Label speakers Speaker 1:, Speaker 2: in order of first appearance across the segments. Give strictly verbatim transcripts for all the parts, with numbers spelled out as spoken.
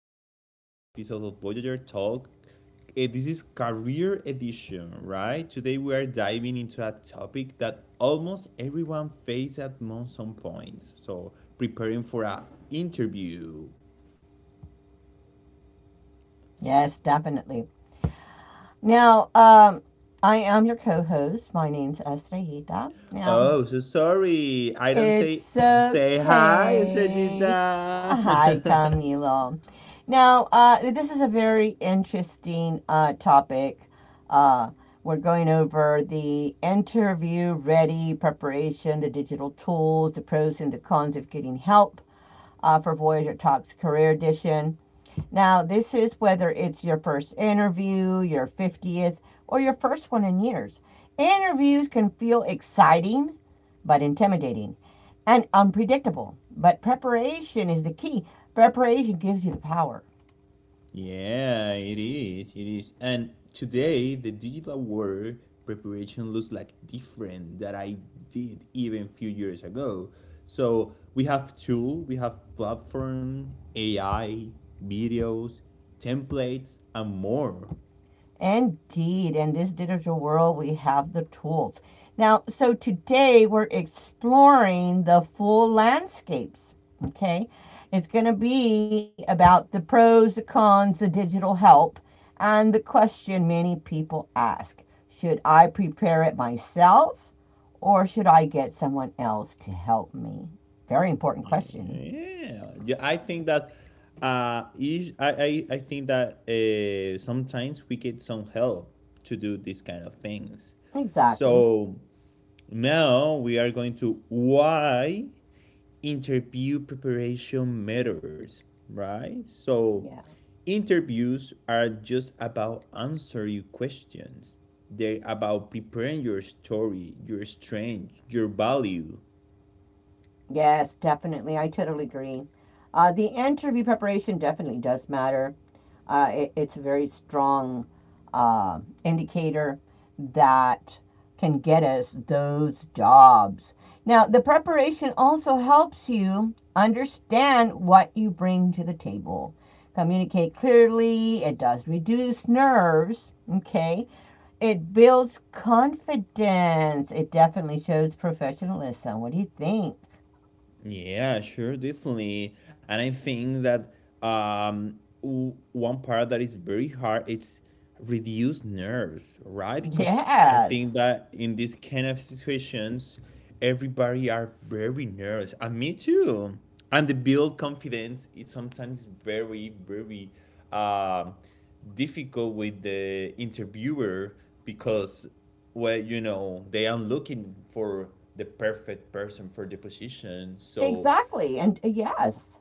Speaker 1: to another episode of Voyager Talk. Eh, This is Career Edition, right? Today we are diving into a topic that almost everyone faces at mo- some point. So, preparing for an interview.
Speaker 2: Yes, definitely. Now, um, I am your co host. My name's Esther Hita. Now,
Speaker 1: Oh, so sorry. I don't say
Speaker 2: it's
Speaker 1: say hi,
Speaker 2: okay.
Speaker 1: Estrellita.
Speaker 2: Hi, Camilo. Now, uh, this is a very interesting uh, topic. Uh, we're going over the interview ready preparation, the digital tools, the pros and the cons of getting help uh, for Voyager Talks Career Edition. Now, this is whether it's your first interview, your fiftieth, or your first one in years. Interviews can feel exciting but intimidating and unpredictable. But preparation is the key. Preparation gives you the power.
Speaker 1: Yeah, it is. It is. And today, the digital world preparation looks like different that I did even a few years ago. So we have tool, we have platform, A I, videos, templates, and more.
Speaker 2: Indeed, in this digital world, we have the tools. Now, so today we're exploring the full landscapes. Okay, it's going to be about the pros, the cons, the digital help, and the question many people ask, should I prepare it myself or should I get someone else to help me? Very important
Speaker 1: Yeah,
Speaker 2: question.
Speaker 1: yeah. Yeah, I think that uh, is- I, I, I think that uh, sometimes we get some help to do these kind of things.
Speaker 2: Exactly.
Speaker 1: So now we are going to why interview preparation matters, right? So
Speaker 2: Yeah.
Speaker 1: interviews are just about answering questions. They're about preparing your story, your strength, your value.
Speaker 2: Yes, definitely. I totally agree. Uh, the interview preparation definitely does matter. Uh, it, it's a very strong uh, indicator that can get us those jobs. Now, the preparation also helps you understand what you bring to the table. Communicate clearly, it does reduce nerves, okay? It builds confidence, it definitely shows professionalism. What do you think?
Speaker 1: Yeah, sure, definitely. And I think that um, w- one part that is very hard it's reduce nerves, right? Because I think
Speaker 2: Yes.
Speaker 1: that in these kind of situations, everybody are very nervous, and me too. And the build confidence is sometimes very, very um, difficult with the interviewer because well, you know, they are looking for the perfect person for the position. So,
Speaker 2: Exactly. And uh, yes,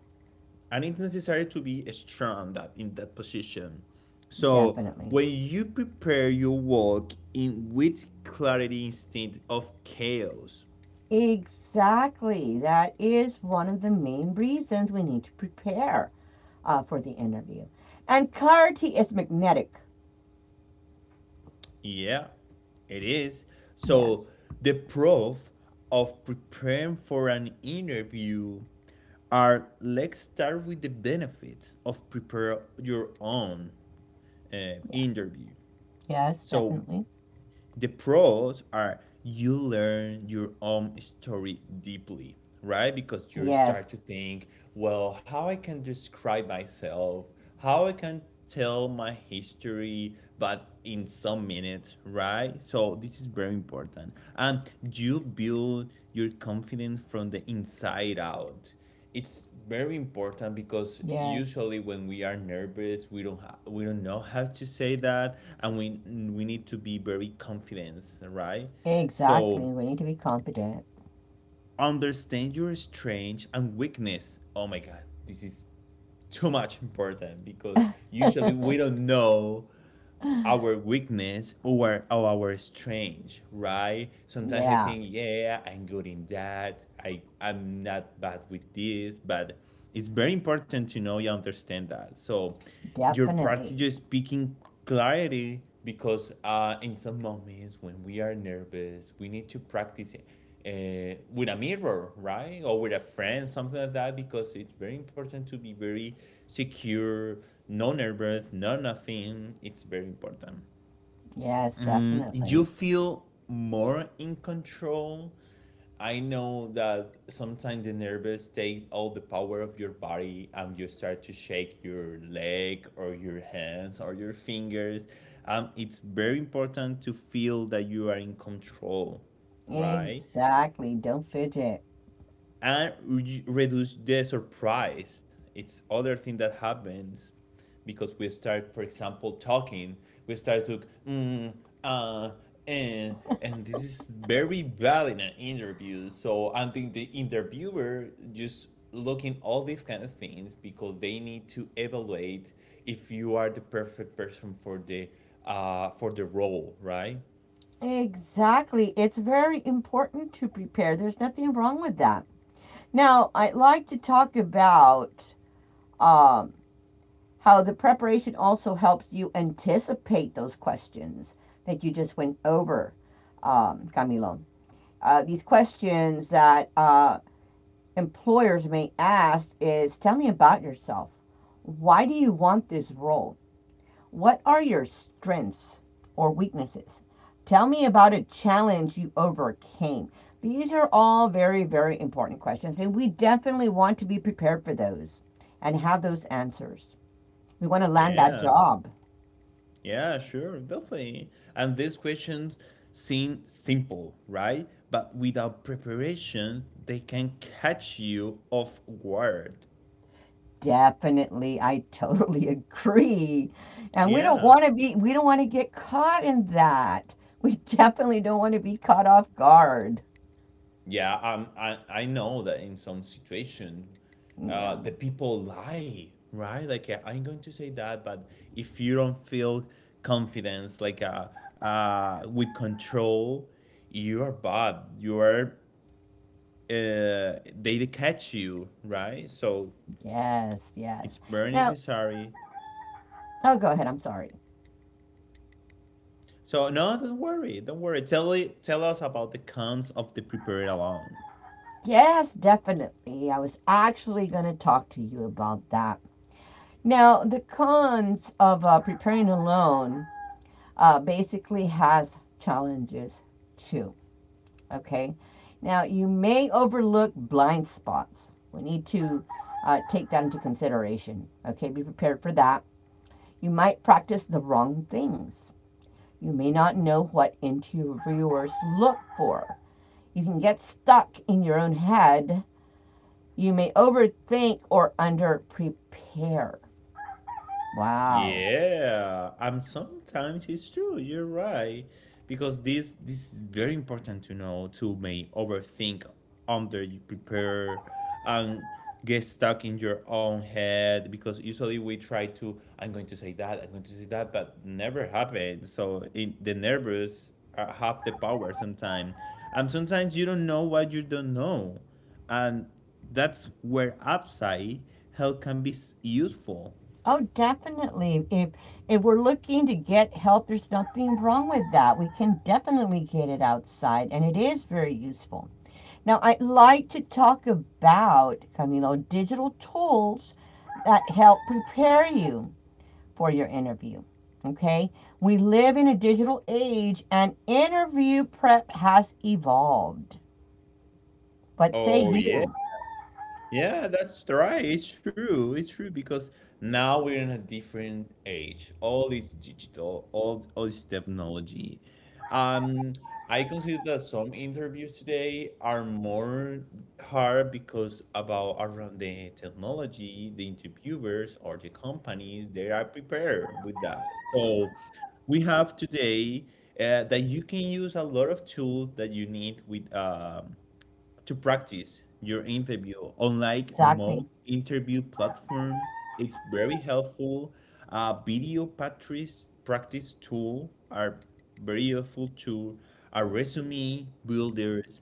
Speaker 1: and it's necessary to be strong that in that position. So,
Speaker 2: definitely.
Speaker 1: when you prepare your work in with clarity instead of chaos,
Speaker 2: Exactly. That is one of the main reasons we need to prepare uh, for the interview. And clarity is magnetic.
Speaker 1: yeah, it is. So,
Speaker 2: Yes.
Speaker 1: the proof of preparing for an interview are, let's start with the benefits of prepare your own uh,
Speaker 2: Yeah.
Speaker 1: interview.
Speaker 2: Yes,
Speaker 1: So
Speaker 2: definitely.
Speaker 1: the pros are you learn your own story deeply, right? Because you start to
Speaker 2: Yes.
Speaker 1: think, well, how I can describe myself, how I can tell my history, but in some minutes, right? So this is very important. And you build your confidence from the inside out. It's very important because
Speaker 2: Yes.
Speaker 1: usually when we are nervous we don't ha- we don't know how to say that, and we we need to be very confident, right? So
Speaker 2: Exactly. We need to be competent.
Speaker 1: understand your strength and weakness, oh my god, this is too much important because usually we don't know our weakness or our, our strength, right? Sometimes I
Speaker 2: Yeah,
Speaker 1: think, yeah, I'm good in that. I I'm not bad with this, but it's very important to know you understand that. So your practice
Speaker 2: definitely.
Speaker 1: is speaking clarity because uh, in some moments when we are nervous, we need to practice uh, with a mirror, right? Or with a friend, something like that, because it's very important to be very secure, no nervous, no nothing. It's very important.
Speaker 2: Yes,
Speaker 1: You
Speaker 2: definitely.
Speaker 1: feel more in control. I know that sometimes the nerves take all the power of your body and you start to shake your leg or your hands or your fingers. Um, it's very important to feel that you are in control, right?
Speaker 2: Exactly. Don't fidget.
Speaker 1: And re- reduce the surprise. It's other thing that happens because we start, for example, talking. We start to mm, uh, and and this is very bad in an interview. So I think the interviewer just looking all these kind of things because they need to evaluate if you are the perfect person for the uh for the role, right?
Speaker 2: Exactly. It's very important to prepare. There's nothing wrong with that. Now, I'd like to talk about um, how the preparation also helps you anticipate those questions that you just went over, um, Camilo. Uh, these questions that uh, employers may ask is, tell me about yourself. Why do you want this role? What are your strengths or weaknesses? Tell me about a challenge you overcame. These are all very, very important questions, and we definitely want to be prepared for those and have those answers. We want to land that
Speaker 1: Yeah.
Speaker 2: job.
Speaker 1: Yeah, sure, definitely. And these questions seem simple, right? But without preparation, they can catch you off guard.
Speaker 2: Definitely, I totally agree. And we don't
Speaker 1: Yeah,
Speaker 2: want to be, we don't want to get caught in that. We definitely don't want to be caught off guard.
Speaker 1: yeah. Um, I I know that in some situation, uh,
Speaker 2: Yeah,
Speaker 1: the people lie, right? Like uh, I'm going to say that, but if you don't feel confidence, like uh, uh, with control, you are bad. You are, uh, they catch you, right? So
Speaker 2: yes,
Speaker 1: it's
Speaker 2: yes.
Speaker 1: very
Speaker 2: Now,
Speaker 1: necessary.
Speaker 2: oh, go ahead. I'm sorry.
Speaker 1: So no, don't worry, don't worry. Tell it, tell us about the cons of the prepared alone.
Speaker 2: Yes, definitely. I was actually going to talk to you about that. Now, the cons of uh, preparing alone uh, basically has challenges too. Okay. Now, you may overlook blind spots. We need to uh, take that into consideration. Okay. Be prepared for that. You might practice the wrong things. You may not know what interviewers look for. You can get stuck in your own head. You may overthink or underprepare. Wow.
Speaker 1: Yeah, um, sometimes it's true. You're right, because this this is very important to know to may overthink, under you prepare, and get stuck in your own head. Because usually we try to, I'm going to say that, I'm going to say that, but never happen. So in the nervous uh, have the power sometimes, and sometimes you don't know what you don't know, and that's where upside help can be s- useful.
Speaker 2: Oh, definitely. If if we're looking to get help, there's nothing wrong with that. We can definitely get it outside, and it is very useful. Now, I'd like to talk about, Camilo, digital tools that help prepare you for your interview. Okay, we live in a digital age, and interview prep has evolved. What say
Speaker 1: Oh yeah,
Speaker 2: you?
Speaker 1: yeah, that's right. It's true. It's true because now we're in a different age. All is digital, all all is technology. Um, I consider that some interviews today are more hard because about around the technology, the interviewers or the companies, they are prepared with that. So we have today uh, that you can use a lot of tools that you need with um to practice your interview, unlike mock
Speaker 2: Exactly.
Speaker 1: interview platform. It's very helpful. Uh, video practice practice tool are very helpful to our resume builders.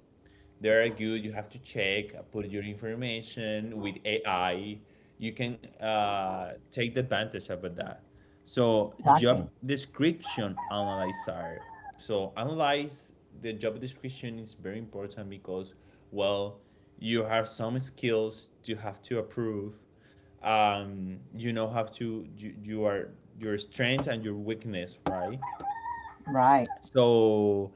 Speaker 1: They're good. You have to check, uh, put your information with A I. You can uh, take the advantage of that. So job
Speaker 2: Exactly.
Speaker 1: description analyzer. So analyze the job description is very important because well, you have some skills you have to approve, um you know how to you, you are your strengths and your weakness, right?
Speaker 2: Right.
Speaker 1: So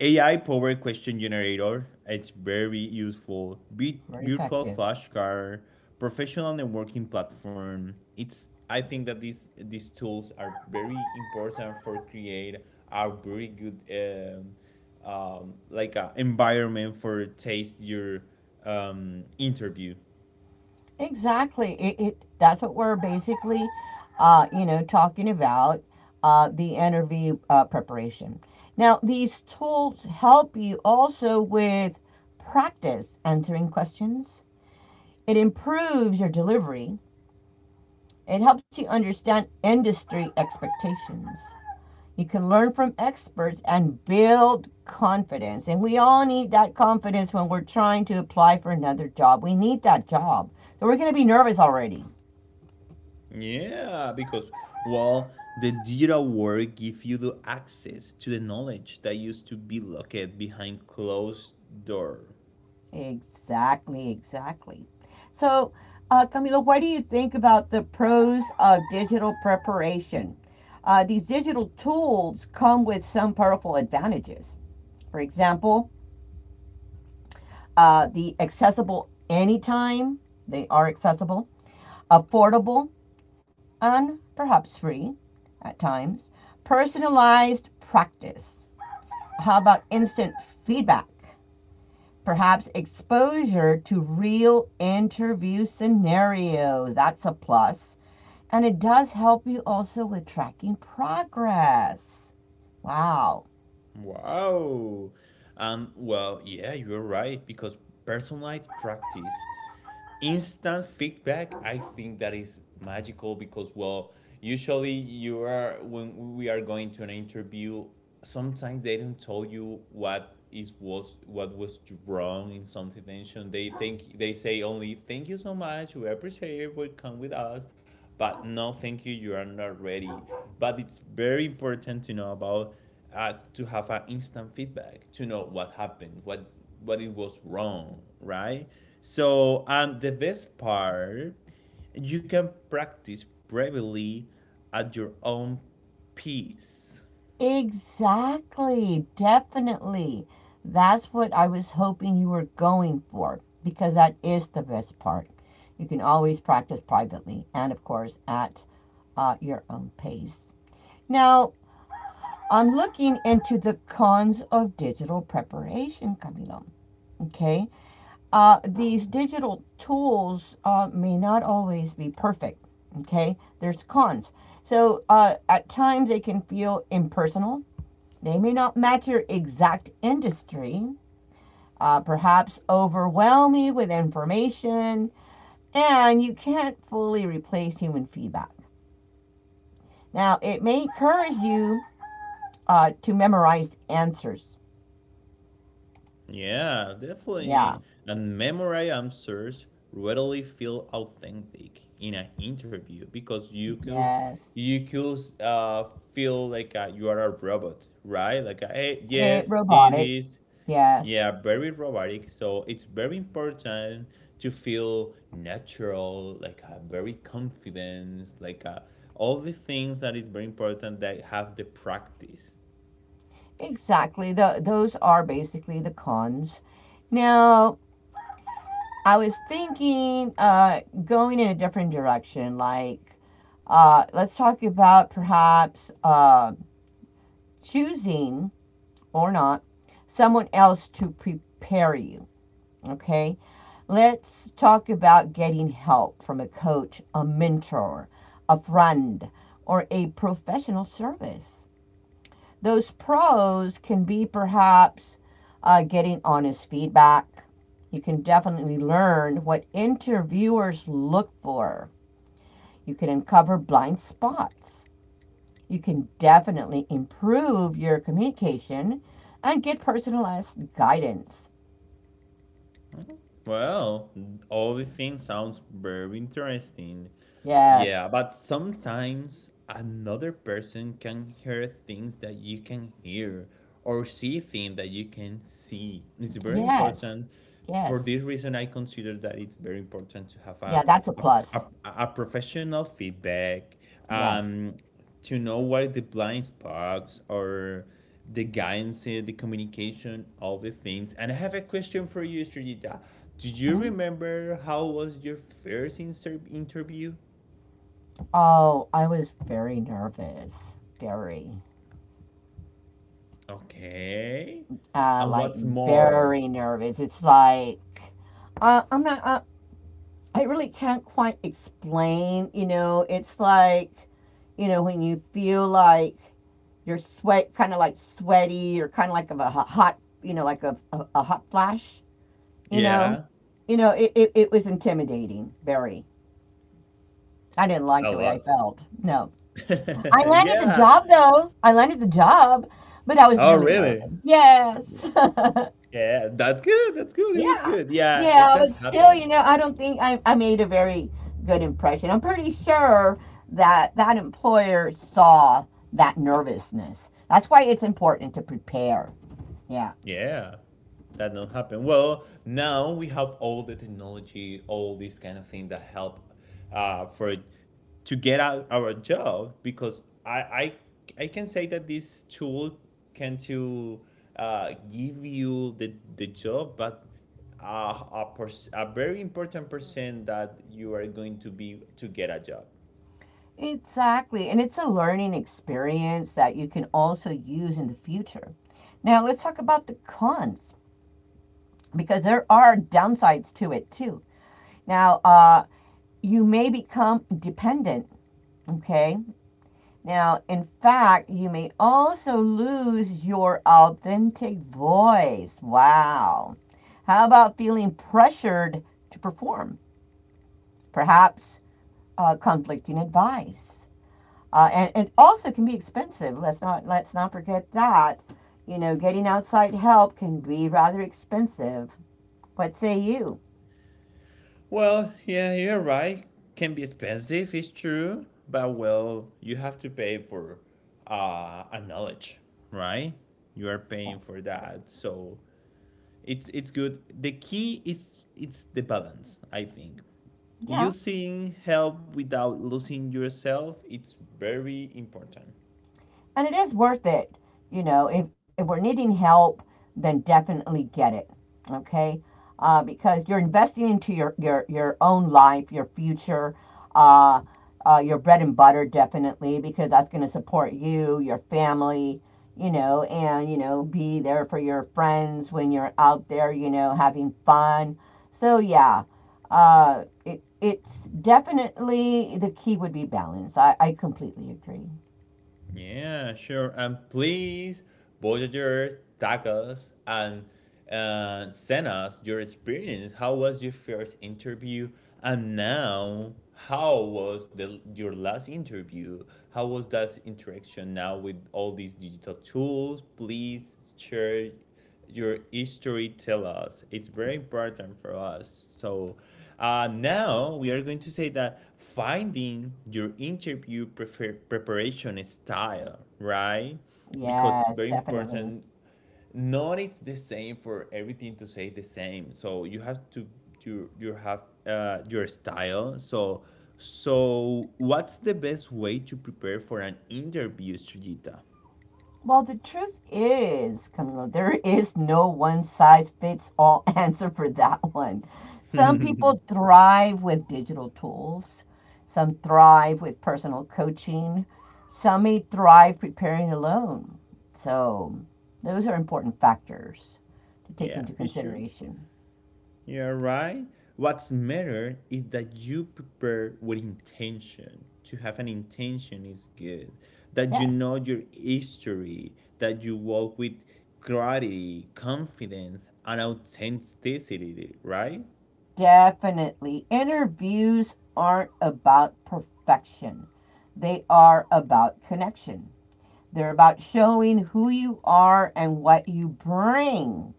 Speaker 1: A I powered question generator, it's very useful. Be-
Speaker 2: Very
Speaker 1: virtual
Speaker 2: effective.
Speaker 1: flashcard, professional networking platform. It's, I think that these these tools are very important for create a very good um, um, like a environment for taste your um, interview.
Speaker 2: Exactly. It, it that's what we're basically, uh, you know, talking about uh, the interview uh, preparation. Now, these tools help you also with practice answering questions. It improves your delivery. It helps you understand industry expectations. You can learn from experts and build confidence. And we all need that confidence when we're trying to apply for another job. We need that job. So we're going to be nervous already.
Speaker 1: Yeah, because well, the digital world gives you the access to the knowledge that used to be locked behind closed door.
Speaker 2: Exactly, exactly. So, uh, Camilo, what do you think about the pros of digital preparation? Uh, these digital tools come with some powerful advantages. For example, uh, the accessible anytime, they are accessible, affordable, and perhaps free at times, personalized practice. How about instant feedback? Perhaps exposure to real interview scenarios. That's a plus. And it does help you also with tracking progress. Wow.
Speaker 1: Wow. Um, well, yeah, you're right because personalized practice instant feedback, I think that is magical because well, usually you are when we are going to an interview, sometimes they don't tell you what is was what was wrong in some situation. They think they say only thank you so much, we appreciate it, will come with us. But no thank you, you are not ready. But it's very important to know about, uh, to have an instant feedback to know what happened, what what it was wrong, right? So, and the best part, you can practice privately at your own pace.
Speaker 2: Exactly. Definitely. That's what I was hoping you were going for because that is the best part. You can always practice privately and, of course, at uh, your own pace. Now, I'm looking into the cons of digital preparation, Camilo. Okay. Uh, these digital tools uh, may not always be perfect. Okay. There's cons. So uh, at times they can feel impersonal, they may not match your exact industry, uh, perhaps overwhelm you with information, and you can't fully replace human feedback. Now, it may encourage you uh, to memorize answers.
Speaker 1: Yeah,
Speaker 2: Yeah,
Speaker 1: definitely. And memorize answers readily feel authentic in an interview because you could,
Speaker 2: yes.
Speaker 1: you could uh, feel like uh, you are a robot, right? Like, uh, hey,
Speaker 2: It'
Speaker 1: yes, it
Speaker 2: robotic,
Speaker 1: is.
Speaker 2: yes.
Speaker 1: Yeah, very robotic. So it's very important to feel natural, like a very confidence, like uh all the things that is very important that have the practice.
Speaker 2: Exactly. The those are basically the cons. Now, I was thinking uh, going in a different direction, like uh, let's talk about perhaps uh, choosing or not someone else to prepare you. Okay. Let's talk about getting help from a coach, a mentor, a friend, or a professional service. Those pros can be perhaps uh, getting honest feedback. You can definitely learn what interviewers look for. You can uncover blind spots. You can definitely improve your communication and get personalized guidance.
Speaker 1: Well, all the things sounds very interesting. Yeah,
Speaker 2: Yes,
Speaker 1: but sometimes another person can hear things that you can hear or see things that you can see. It's very
Speaker 2: yes,
Speaker 1: important. For
Speaker 2: yes.
Speaker 1: this reason, I consider that it's very important to have
Speaker 2: Yeah,
Speaker 1: a,
Speaker 2: that's a
Speaker 1: a a,
Speaker 2: plus.
Speaker 1: a professional feedback,
Speaker 2: Yes.
Speaker 1: um, to know what are the blind spots or the guidance in the communication, all the things. And I have a question for you, Srijita. Do you
Speaker 2: Mhm.
Speaker 1: remember how was your first inter- interview?
Speaker 2: Oh, I was very nervous. Very.
Speaker 1: Okay,
Speaker 2: Uh,
Speaker 1: and
Speaker 2: like,
Speaker 1: what's more?
Speaker 2: very nervous. It's like, uh, I'm not, uh, I really can't quite explain, you know, it's like, you know, when you feel like you're sweat, kind of like sweaty, or kind of like of a ho- hot, you know, like a, a, a hot flash, you know.
Speaker 1: Yeah,
Speaker 2: You know, it, it, it was intimidating, very. I didn't like
Speaker 1: a
Speaker 2: the way I
Speaker 1: lot.
Speaker 2: felt. No, I landed the
Speaker 1: Yeah.
Speaker 2: job, though. I landed the job, but I was
Speaker 1: Oh
Speaker 2: really nervous,
Speaker 1: really. Yeah.
Speaker 2: yes.
Speaker 1: Yeah, that's good, that's good. It was
Speaker 2: Yeah,
Speaker 1: good, yeah, it
Speaker 2: yeah.
Speaker 1: does
Speaker 2: But still,
Speaker 1: happen.
Speaker 2: you know, I don't think I, I made a very good impression. I'm pretty sure that that employer saw that nervousness. That's why it's important to prepare. Yeah.
Speaker 1: Yeah, that don't happen. Well, now we have all the technology, all these kind of thing that help uh, for to get out our job because I I I can say that this tool can to uh, give you the the job, but uh, a, per- a very important percent that you are going to be to get a job.
Speaker 2: Exactly. And it's a learning experience that you can also use in the future. Now, let's talk about the cons because there are downsides to it too. Now, uh, you may become dependent, okay? Now, in fact, you may also lose your authentic voice. Wow. How about feeling pressured to perform? Perhaps uh, conflicting advice. uh, and and also can be expensive. Let's not let's not forget that. You know, getting outside help can be rather expensive. What say you?
Speaker 1: Well, yeah, you're right. Can be expensive, it's true, but well, you have to pay for uh, a knowledge, right? You are
Speaker 2: Yes.
Speaker 1: paying for that, so it's it's good. The key is it's the balance, I think.
Speaker 2: Yeah.
Speaker 1: Using help without losing yourself, it's very important.
Speaker 2: And it is worth it. You know, if, if we're needing help, then definitely get it. Okay, uh, because you're investing into your your your own life, your future, uh, uh, your bread and butter, definitely, because that's going to support you, your family. You know, and you know, be there for your friends when you're out there, you know, having fun. So yeah, uh, it it's definitely the key would be balance. I, I completely agree.
Speaker 1: Yeah, sure. And please, Voyagers, tag us and uh, send us your experience. How was your first interview? And now, how was the your last interview? How was that interaction now with all these digital tools? Please share your history, tell us. It's very important for us. So uh, now we are going to say that finding your interview prefer- preparation style, right? Because
Speaker 2: Yes,
Speaker 1: very
Speaker 2: definitely.
Speaker 1: important. Not it's the same for everything to say the same. So you have to you you have uh, your style. So so what's the best way to prepare for an interview, Sujita?
Speaker 2: Well, the truth is, Camilo, there is no one size fits all answer for that one. Some people thrive with digital tools, some thrive with personal coaching, some may thrive preparing alone. So, those are important factors to take
Speaker 1: Yeah,
Speaker 2: into
Speaker 1: it's true.
Speaker 2: consideration.
Speaker 1: You're right. What's matter is that you prepare with intention. To have an intention is good. That you
Speaker 2: Yes,
Speaker 1: know your history, that you walk with clarity, confidence, and authenticity, right?
Speaker 2: definitely. Interviews aren't about perfection, they are about connection. They're about showing who you are and what you bring,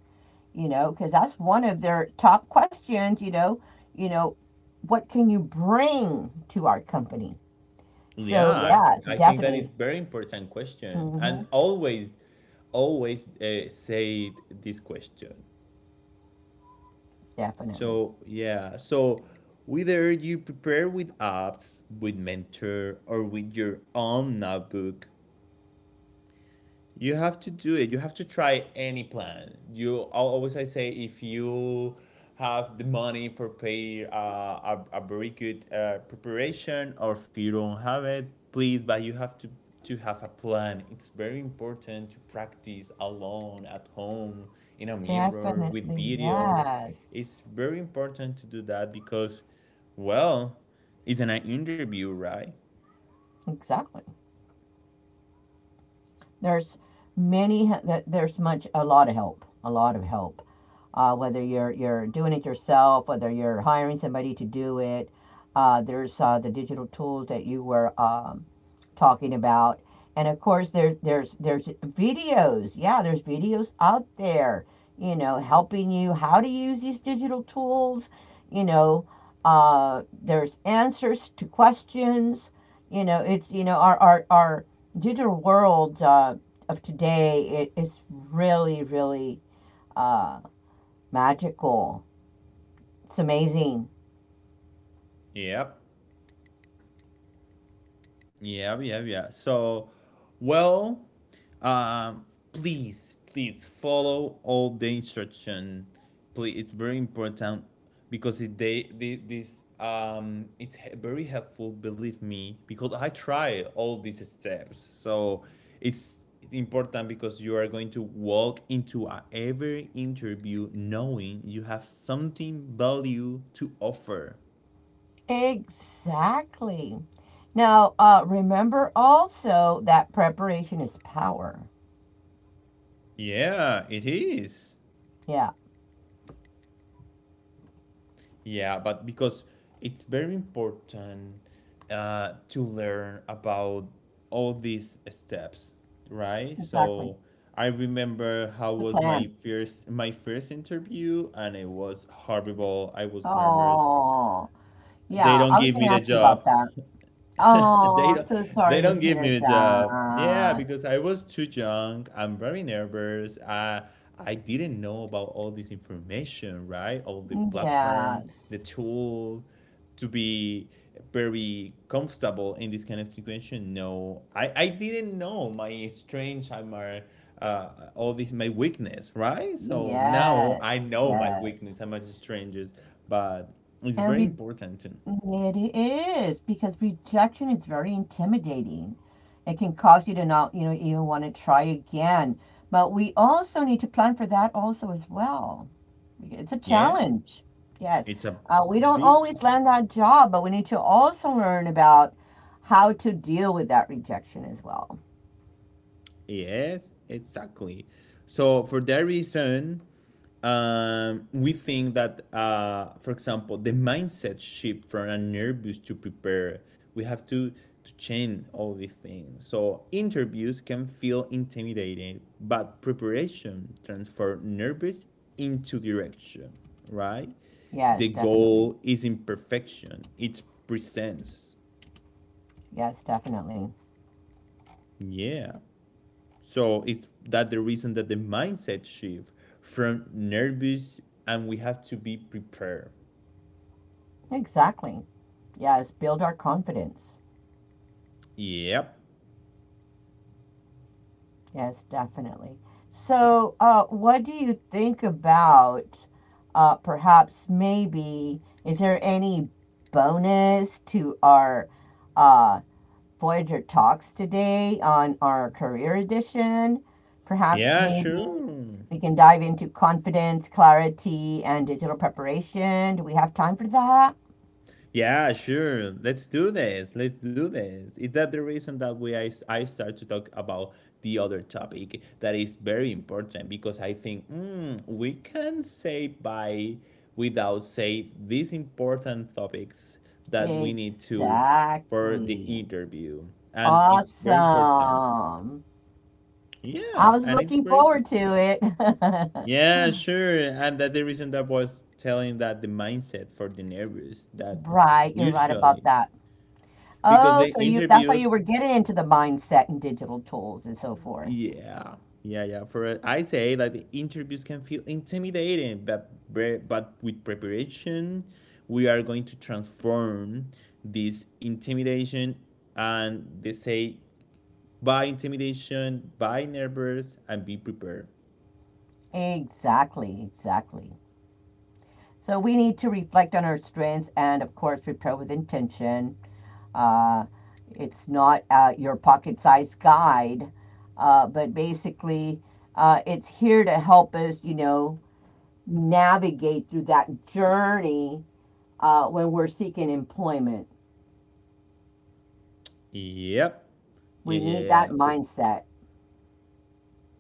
Speaker 2: you know, because that's one of their top questions, you know, you know, what can you bring to our company? So
Speaker 1: Yeah,
Speaker 2: yeah, it's
Speaker 1: I think that is
Speaker 2: definitely,
Speaker 1: very important question. And
Speaker 2: hmm,
Speaker 1: always, always uh, say this question.
Speaker 2: definitely,
Speaker 1: So yeah, so whether you prepare with apps, with Mentor, or with your own notebook, you have to do it. You have to try any plan. You always I say if you have the money for pay uh, a, a very good uh, preparation or if you don't have it, please, but you have to to have a plan. It's very important to practice alone at home in a mirror with
Speaker 2: definitely,
Speaker 1: videos.
Speaker 2: yes,
Speaker 1: It's very important to do that because well, it's an interview, right?
Speaker 2: exactly. There's many. There's much. A lot of help. A lot of help. Uh, whether you're you're doing it yourself, whether you're hiring somebody to do it. Uh, there's uh, the digital tools that you were um, talking about, and of course there's there's there's videos. Yeah, there's videos out there. You know, helping you how to use these digital tools. You know, uh, there's answers to questions. You know, it's, you know, our our our digital world uh, of today, it is really really uh, magical. It's amazing.
Speaker 1: Yep. Yeah, yeah, yeah. So, well, um, please, please follow all the instruction. Please, it's very important because it they, they this um it's he- very helpful. Believe me, because I try all these steps. So it's important because you are going to walk into a, every interview knowing you have something value to offer.
Speaker 2: Exactly. Now uh, remember also that preparation is power.
Speaker 1: Yeah, it is.
Speaker 2: Yeah,
Speaker 1: Yeah, but because it's very important uh, to learn about all these steps, right?
Speaker 2: exactly.
Speaker 1: So I remember how
Speaker 2: It's a
Speaker 1: was my
Speaker 2: plan.
Speaker 1: first my first interview, and it was horrible. I was nervous.
Speaker 2: Oh,
Speaker 1: They
Speaker 2: yeah,
Speaker 1: don't
Speaker 2: I was
Speaker 1: give
Speaker 2: going
Speaker 1: me
Speaker 2: to
Speaker 1: the
Speaker 2: ask you about
Speaker 1: job.
Speaker 2: that.
Speaker 1: they
Speaker 2: Oh,
Speaker 1: don't
Speaker 2: I'm so
Speaker 1: they
Speaker 2: sorry
Speaker 1: don't
Speaker 2: to
Speaker 1: give me
Speaker 2: hear
Speaker 1: a job, yeah,
Speaker 2: that.
Speaker 1: because I was too young, I'm very nervous. I i didn't know about all this information, right, all the platform, the
Speaker 2: Yes,
Speaker 1: tool to be very comfortable in this kind of situation. No, i i didn't know my strength and my uh, all this my weakness, right? So now
Speaker 2: yes,
Speaker 1: I know my weakness
Speaker 2: yes.
Speaker 1: and my strengths, but it's very
Speaker 2: And
Speaker 1: important to,
Speaker 2: it is, because rejection is very intimidating. It can cause you to not, you know, even want to try again. But we also need to plan for that also as well. It's a
Speaker 1: yeah.
Speaker 2: challenge. Yes.
Speaker 1: It's a
Speaker 2: Uh, we don't
Speaker 1: big
Speaker 2: always
Speaker 1: challenge.
Speaker 2: land that job, but we need to also learn about how to deal with that rejection as well.
Speaker 1: Yes, exactly. So for that reason, um, we think that, uh, for example, the mindset shift from a nervous to prepare, we have to to change all these things. So interviews can feel intimidating, but preparation transforms nervous into direction. Right? The
Speaker 2: Yes, definitely.
Speaker 1: goal is imperfection. It's presence.
Speaker 2: Yes, definitely.
Speaker 1: Yeah. So is that the reason that the mindset shift from nervous and we have to be prepared?
Speaker 2: Exactly. Yes, build our confidence.
Speaker 1: Yep.
Speaker 2: Yes, definitely. So, uh, what do you think about uh, perhaps maybe is there any bonus to our uh, Voyager talks today on our career edition? Perhaps
Speaker 1: Yeah,
Speaker 2: maybe
Speaker 1: sure.
Speaker 2: we can dive into confidence, clarity, and digital preparation. Do we have time for that?
Speaker 1: Yeah, sure. Let's do this. Let's do this. Is that the reason that we I, I start to talk about the other topic that is very important because I think mm, we can say by without say these important topics that we need to for the
Speaker 2: Exactly.
Speaker 1: interview and it's very important.
Speaker 2: Awesome. I
Speaker 1: Yeah,
Speaker 2: was
Speaker 1: and it's
Speaker 2: looking
Speaker 1: very
Speaker 2: forward
Speaker 1: important.
Speaker 2: to it.
Speaker 1: Yeah, sure. And that the reason that was telling that the mindset for the nervous that
Speaker 2: Right, you're right about
Speaker 1: usually
Speaker 2: that.
Speaker 1: because the
Speaker 2: Oh, so you, that's why
Speaker 1: interviews,
Speaker 2: you were getting into the mindset and digital tools and so forth.
Speaker 1: yeah, yeah, yeah. For I say that the interviews can feel intimidating, but bre- but with preparation, we are going to transform this intimidation and they say by intimidation, by nervous, and be prepared.
Speaker 2: Exactly, exactly. So we need to reflect on our strengths and, of course, prepare with intention. Uh, it's not uh, your pocket sized guide, uh, but basically, uh, it's here to help us, you know, navigate through that journey uh, when we're seeking employment.
Speaker 1: Yep. Yeah,
Speaker 2: We
Speaker 1: yeah,
Speaker 2: need that
Speaker 1: yeah.
Speaker 2: mindset.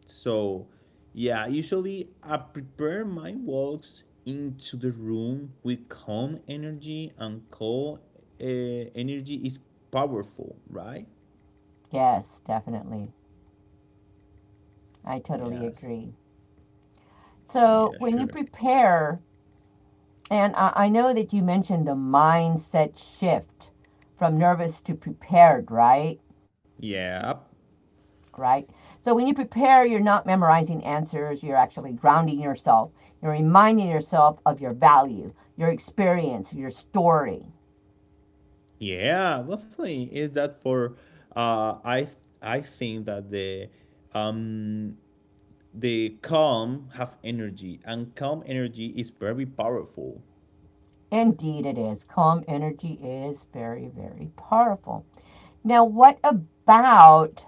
Speaker 1: So, yeah, usually I prepare my walks into the room with calm energy and calm uh, energy is powerful, right?
Speaker 2: Yes, definitely. I totally
Speaker 1: Yes.
Speaker 2: agree. So,
Speaker 1: Yeah,
Speaker 2: when you
Speaker 1: sure.
Speaker 2: prepare, and I, I know that you mentioned the mindset shift from nervous to prepared, right?
Speaker 1: Yeah.
Speaker 2: Right. So, when you prepare, you're not memorizing answers, you're actually grounding yourself. You're reminding yourself of your value, your experience, your story.
Speaker 1: Yeah, definitely. Is that for uh I I think that the um the calm have energy and calm energy is very powerful.
Speaker 2: Indeed, it is. Calm energy is very, very powerful. Now, what about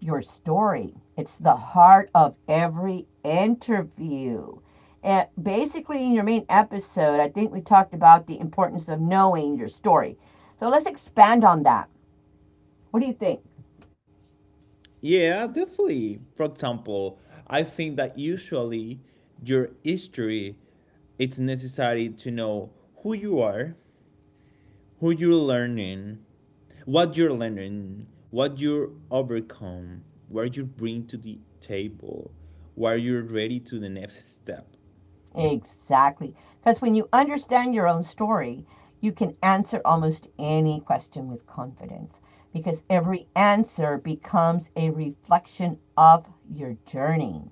Speaker 2: your story? It's the heart of every interview. And basically, in your main episode, I think we talked about the importance of knowing your story. So let's expand on that. What do you think?
Speaker 1: Yeah, definitely. For example, I think that usually your history it's necessary to know who you are, who you're learning, what you're learning, what you overcome, what you bring to the table, where you're ready to the next step.
Speaker 2: Exactly. Because when you understand your own story, you can answer almost any question with confidence because every answer becomes a reflection of your journey.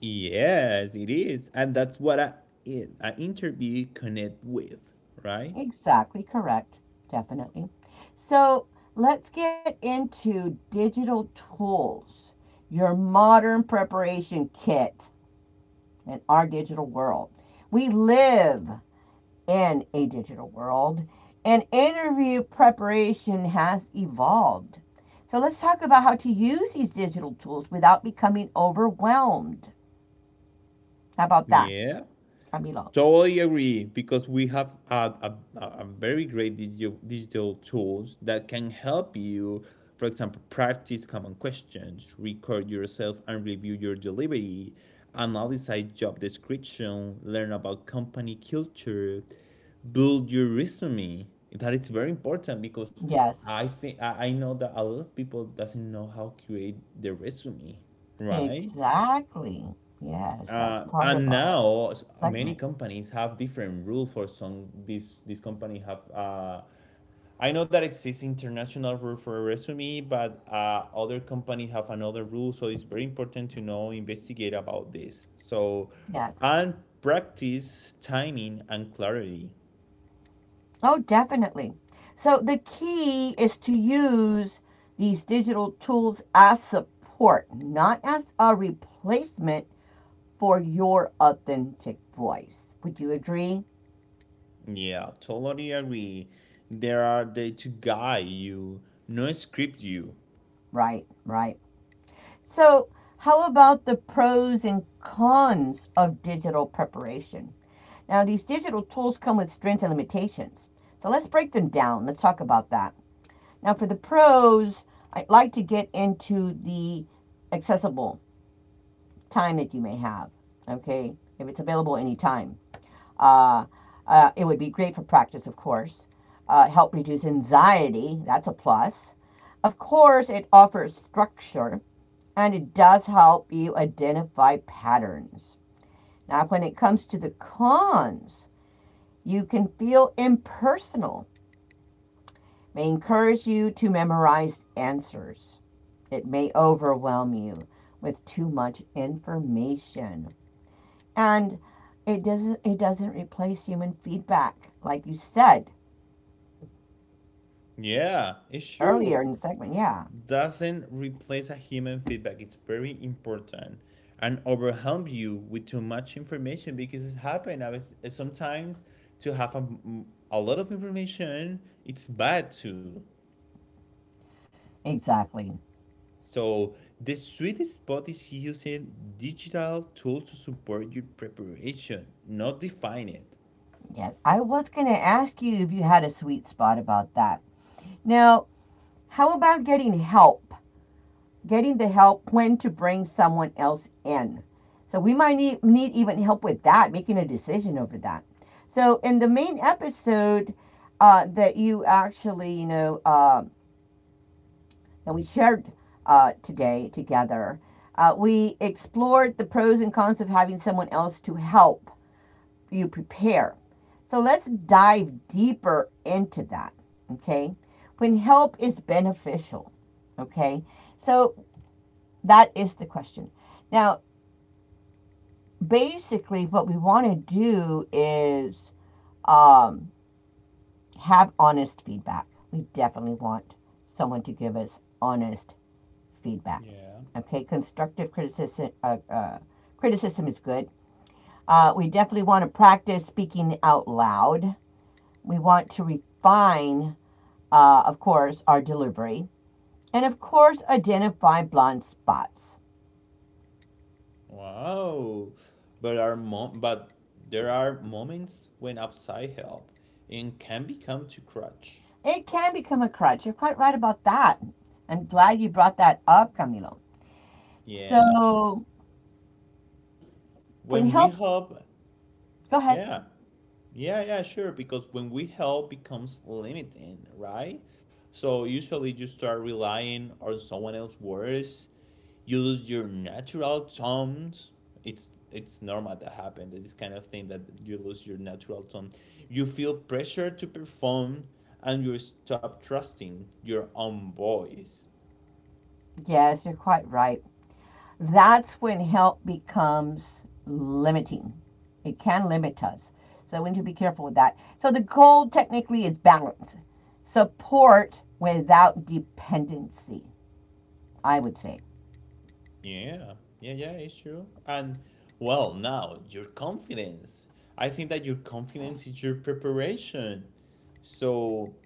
Speaker 1: Yes, it is. And that's what I an interview connect with, right?
Speaker 2: Exactly correct. Definitely. So let's get into digital tools, your modern preparation kit in our digital world. We live in a digital world, and interview preparation has evolved. So let's talk about how to use these digital tools without becoming overwhelmed. How about that,
Speaker 1: Yeah.
Speaker 2: Camilo?
Speaker 1: Totally agree because we have had a, a, a very great digital, digital tools that can help you, for example, practice common questions, record yourself and review your delivery, analyze job description, learn about company culture, build your resume. That it's very important because
Speaker 2: Yes,
Speaker 1: I think I I know that a lot of people doesn't know how to create their resume, right?
Speaker 2: exactly. Yes, that's
Speaker 1: Uh,
Speaker 2: part of
Speaker 1: and
Speaker 2: our
Speaker 1: now s- many
Speaker 2: segment.
Speaker 1: companies have different rule for some. This this company have. Uh, I know that exists international rule for a resume, but uh, other companies have another rule. So it's very important to know investigate about this. So,
Speaker 2: Yes.
Speaker 1: and practice timing and clarity.
Speaker 2: Oh, definitely. So the key is to use these digital tools as support, not as a replacement for your authentic voice. Would you agree?
Speaker 1: Yeah, totally agree. There are they to guide you, not script you.
Speaker 2: Right, right. So, how about the pros and cons of digital preparation? Now, these digital tools come with strengths and limitations. So, let's break them down. Let's talk about that. Now, for the pros, I'd like to get into the accessible time that you may have, okay, if it's available anytime. Uh, uh, it would be great for practice, of course. Uh, help reduce anxiety, that's a plus. Of course, it offers structure and it does help you identify patterns. Now, when it comes to the cons, you can feel impersonal, it may encourage you to memorize answers. It may overwhelm you with too much information. And it doesn't it doesn't replace human feedback like you said
Speaker 1: Yeah, it's
Speaker 2: earlier
Speaker 1: true.
Speaker 2: in the segment. Yeah,
Speaker 1: Doesn't replace a human feedback. It's very important and overwhelm you with too much information because it's happened. I was sometimes to have a a lot of information, it's bad too.
Speaker 2: exactly.
Speaker 1: So the sweet spot is using digital tools to support your preparation, not define it.
Speaker 2: Yes, I was going to ask you if you had a sweet spot about that. Now, how about getting help? Getting the help when to bring someone else in. So we might need, need even help with that, making a decision over that. So in the main episode uh, that you actually, you know, uh, that we shared uh, today together, uh, we explored the pros and cons of having someone else to help you prepare. So let's dive deeper into that, okay? When help is beneficial, okay? So that is the question. Now, basically, what we want to do is um, have honest feedback. We definitely want someone to give us honest feedback.
Speaker 1: Yeah.
Speaker 2: Okay, constructive criticism uh, uh, criticism is good. Uh, we definitely want to practice speaking out loud. We want to refine, uh, of course, our delivery and, of course, identify blind spots.
Speaker 1: Wow. But our mom but there are moments when outside help and can become too crutch.
Speaker 2: It can become a crutch. You're quite right about that. I'm glad you brought that up, Camilo.
Speaker 1: Yeah.
Speaker 2: So, when
Speaker 1: When we
Speaker 2: help,
Speaker 1: help,
Speaker 2: go ahead.
Speaker 1: yeah. Yeah, yeah, sure. Because when we help becomes limiting, right? So usually you start relying on someone else's words. You lose your natural tones. It's it's normal that happen. This kind of thing that you lose your natural tone. You feel pressure to perform and you stop trusting your own voice.
Speaker 2: Yes, you're quite right. That's when help becomes limiting. It can limit us. So, we need to be careful with that. So, the goal technically is balance, support without dependency, I would say.
Speaker 1: Yeah, yeah, yeah, it's true. And well, now your confidence. I think that your confidence is your preparation. So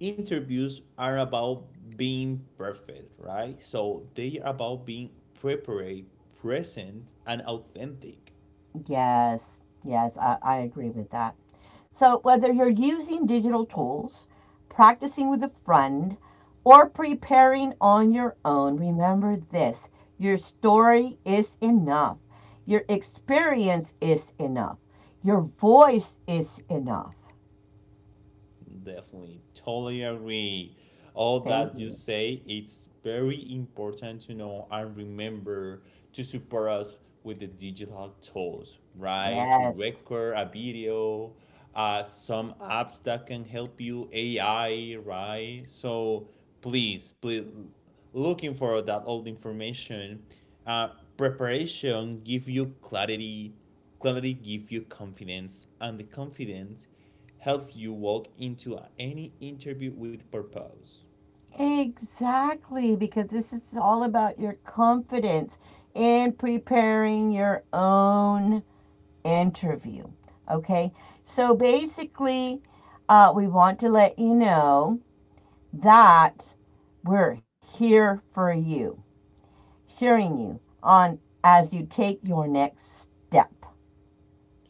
Speaker 1: interviews are about being perfect, right? So they are about being prepared, present, and authentic.
Speaker 2: Yes, yes, I, I agree with that. So, whether you're using digital tools, practicing with a friend, or preparing on your own, remember this your story is enough, your experience is enough, your voice is enough.
Speaker 1: Definitely, totally agree. All
Speaker 2: Thank
Speaker 1: that you
Speaker 2: you.
Speaker 1: say, it's very important to know and remember to support us with the digital tools, right? To
Speaker 2: Yes.
Speaker 1: record a video, uh, some apps that can help you, A I, right? So please, please, looking for that old information. Uh, Preparation give you clarity, clarity give you confidence, and the confidence helps you walk into any interview with purpose.
Speaker 2: Exactly, because this is all about your confidence in preparing your own interview. Okay, so basically, uh, we want to let you know that we're here for you, cheering you on as you take your next step.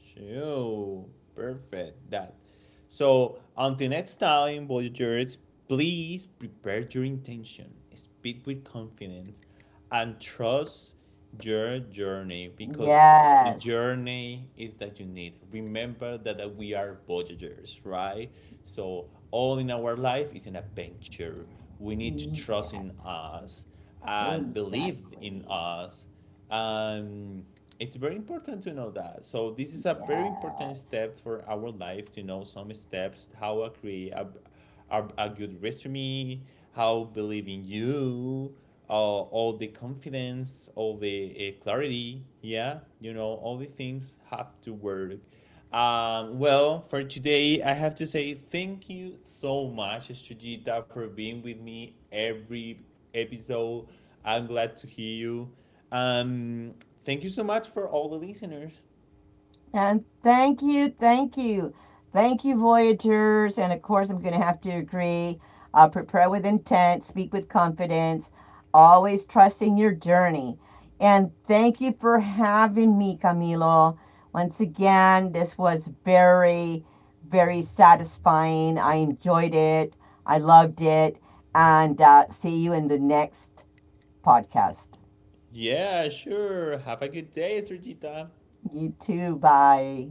Speaker 1: Sure, perfect. That. So until next time, Voyagers, please prepare your intention, speak with confidence, and trust your journey because the
Speaker 2: Yes,
Speaker 1: journey is that you need. Remember that, that we are Voyagers, right? So all in our life is an adventure. We need to trust in
Speaker 2: yes,
Speaker 1: us and believe in
Speaker 2: exactly.
Speaker 1: us, um, it's very important to know that. So this is a very important
Speaker 2: Yes.
Speaker 1: step for our life to know some steps, how to create a, a, a good resume, how believe in you, uh, all the confidence, all the uh, clarity. Yeah, you know, all the things have to work. Um, well, for today, I have to say thank you so much, Sujita, for being with me every episode. I'm glad to hear you. Um, Thank you so much for all the listeners.
Speaker 2: And thank you, thank you. Thank you, Voyagers. And of course, I'm going to have to agree. Uh, prepare with intent, speak with confidence, always trusting your journey. And thank you for having me, Camilo. Once again, this was very, very satisfying. I enjoyed it, I loved it. And uh, see you in the next podcast.
Speaker 1: Yeah, sure. Have a good day, Sergita.
Speaker 2: You too. Bye.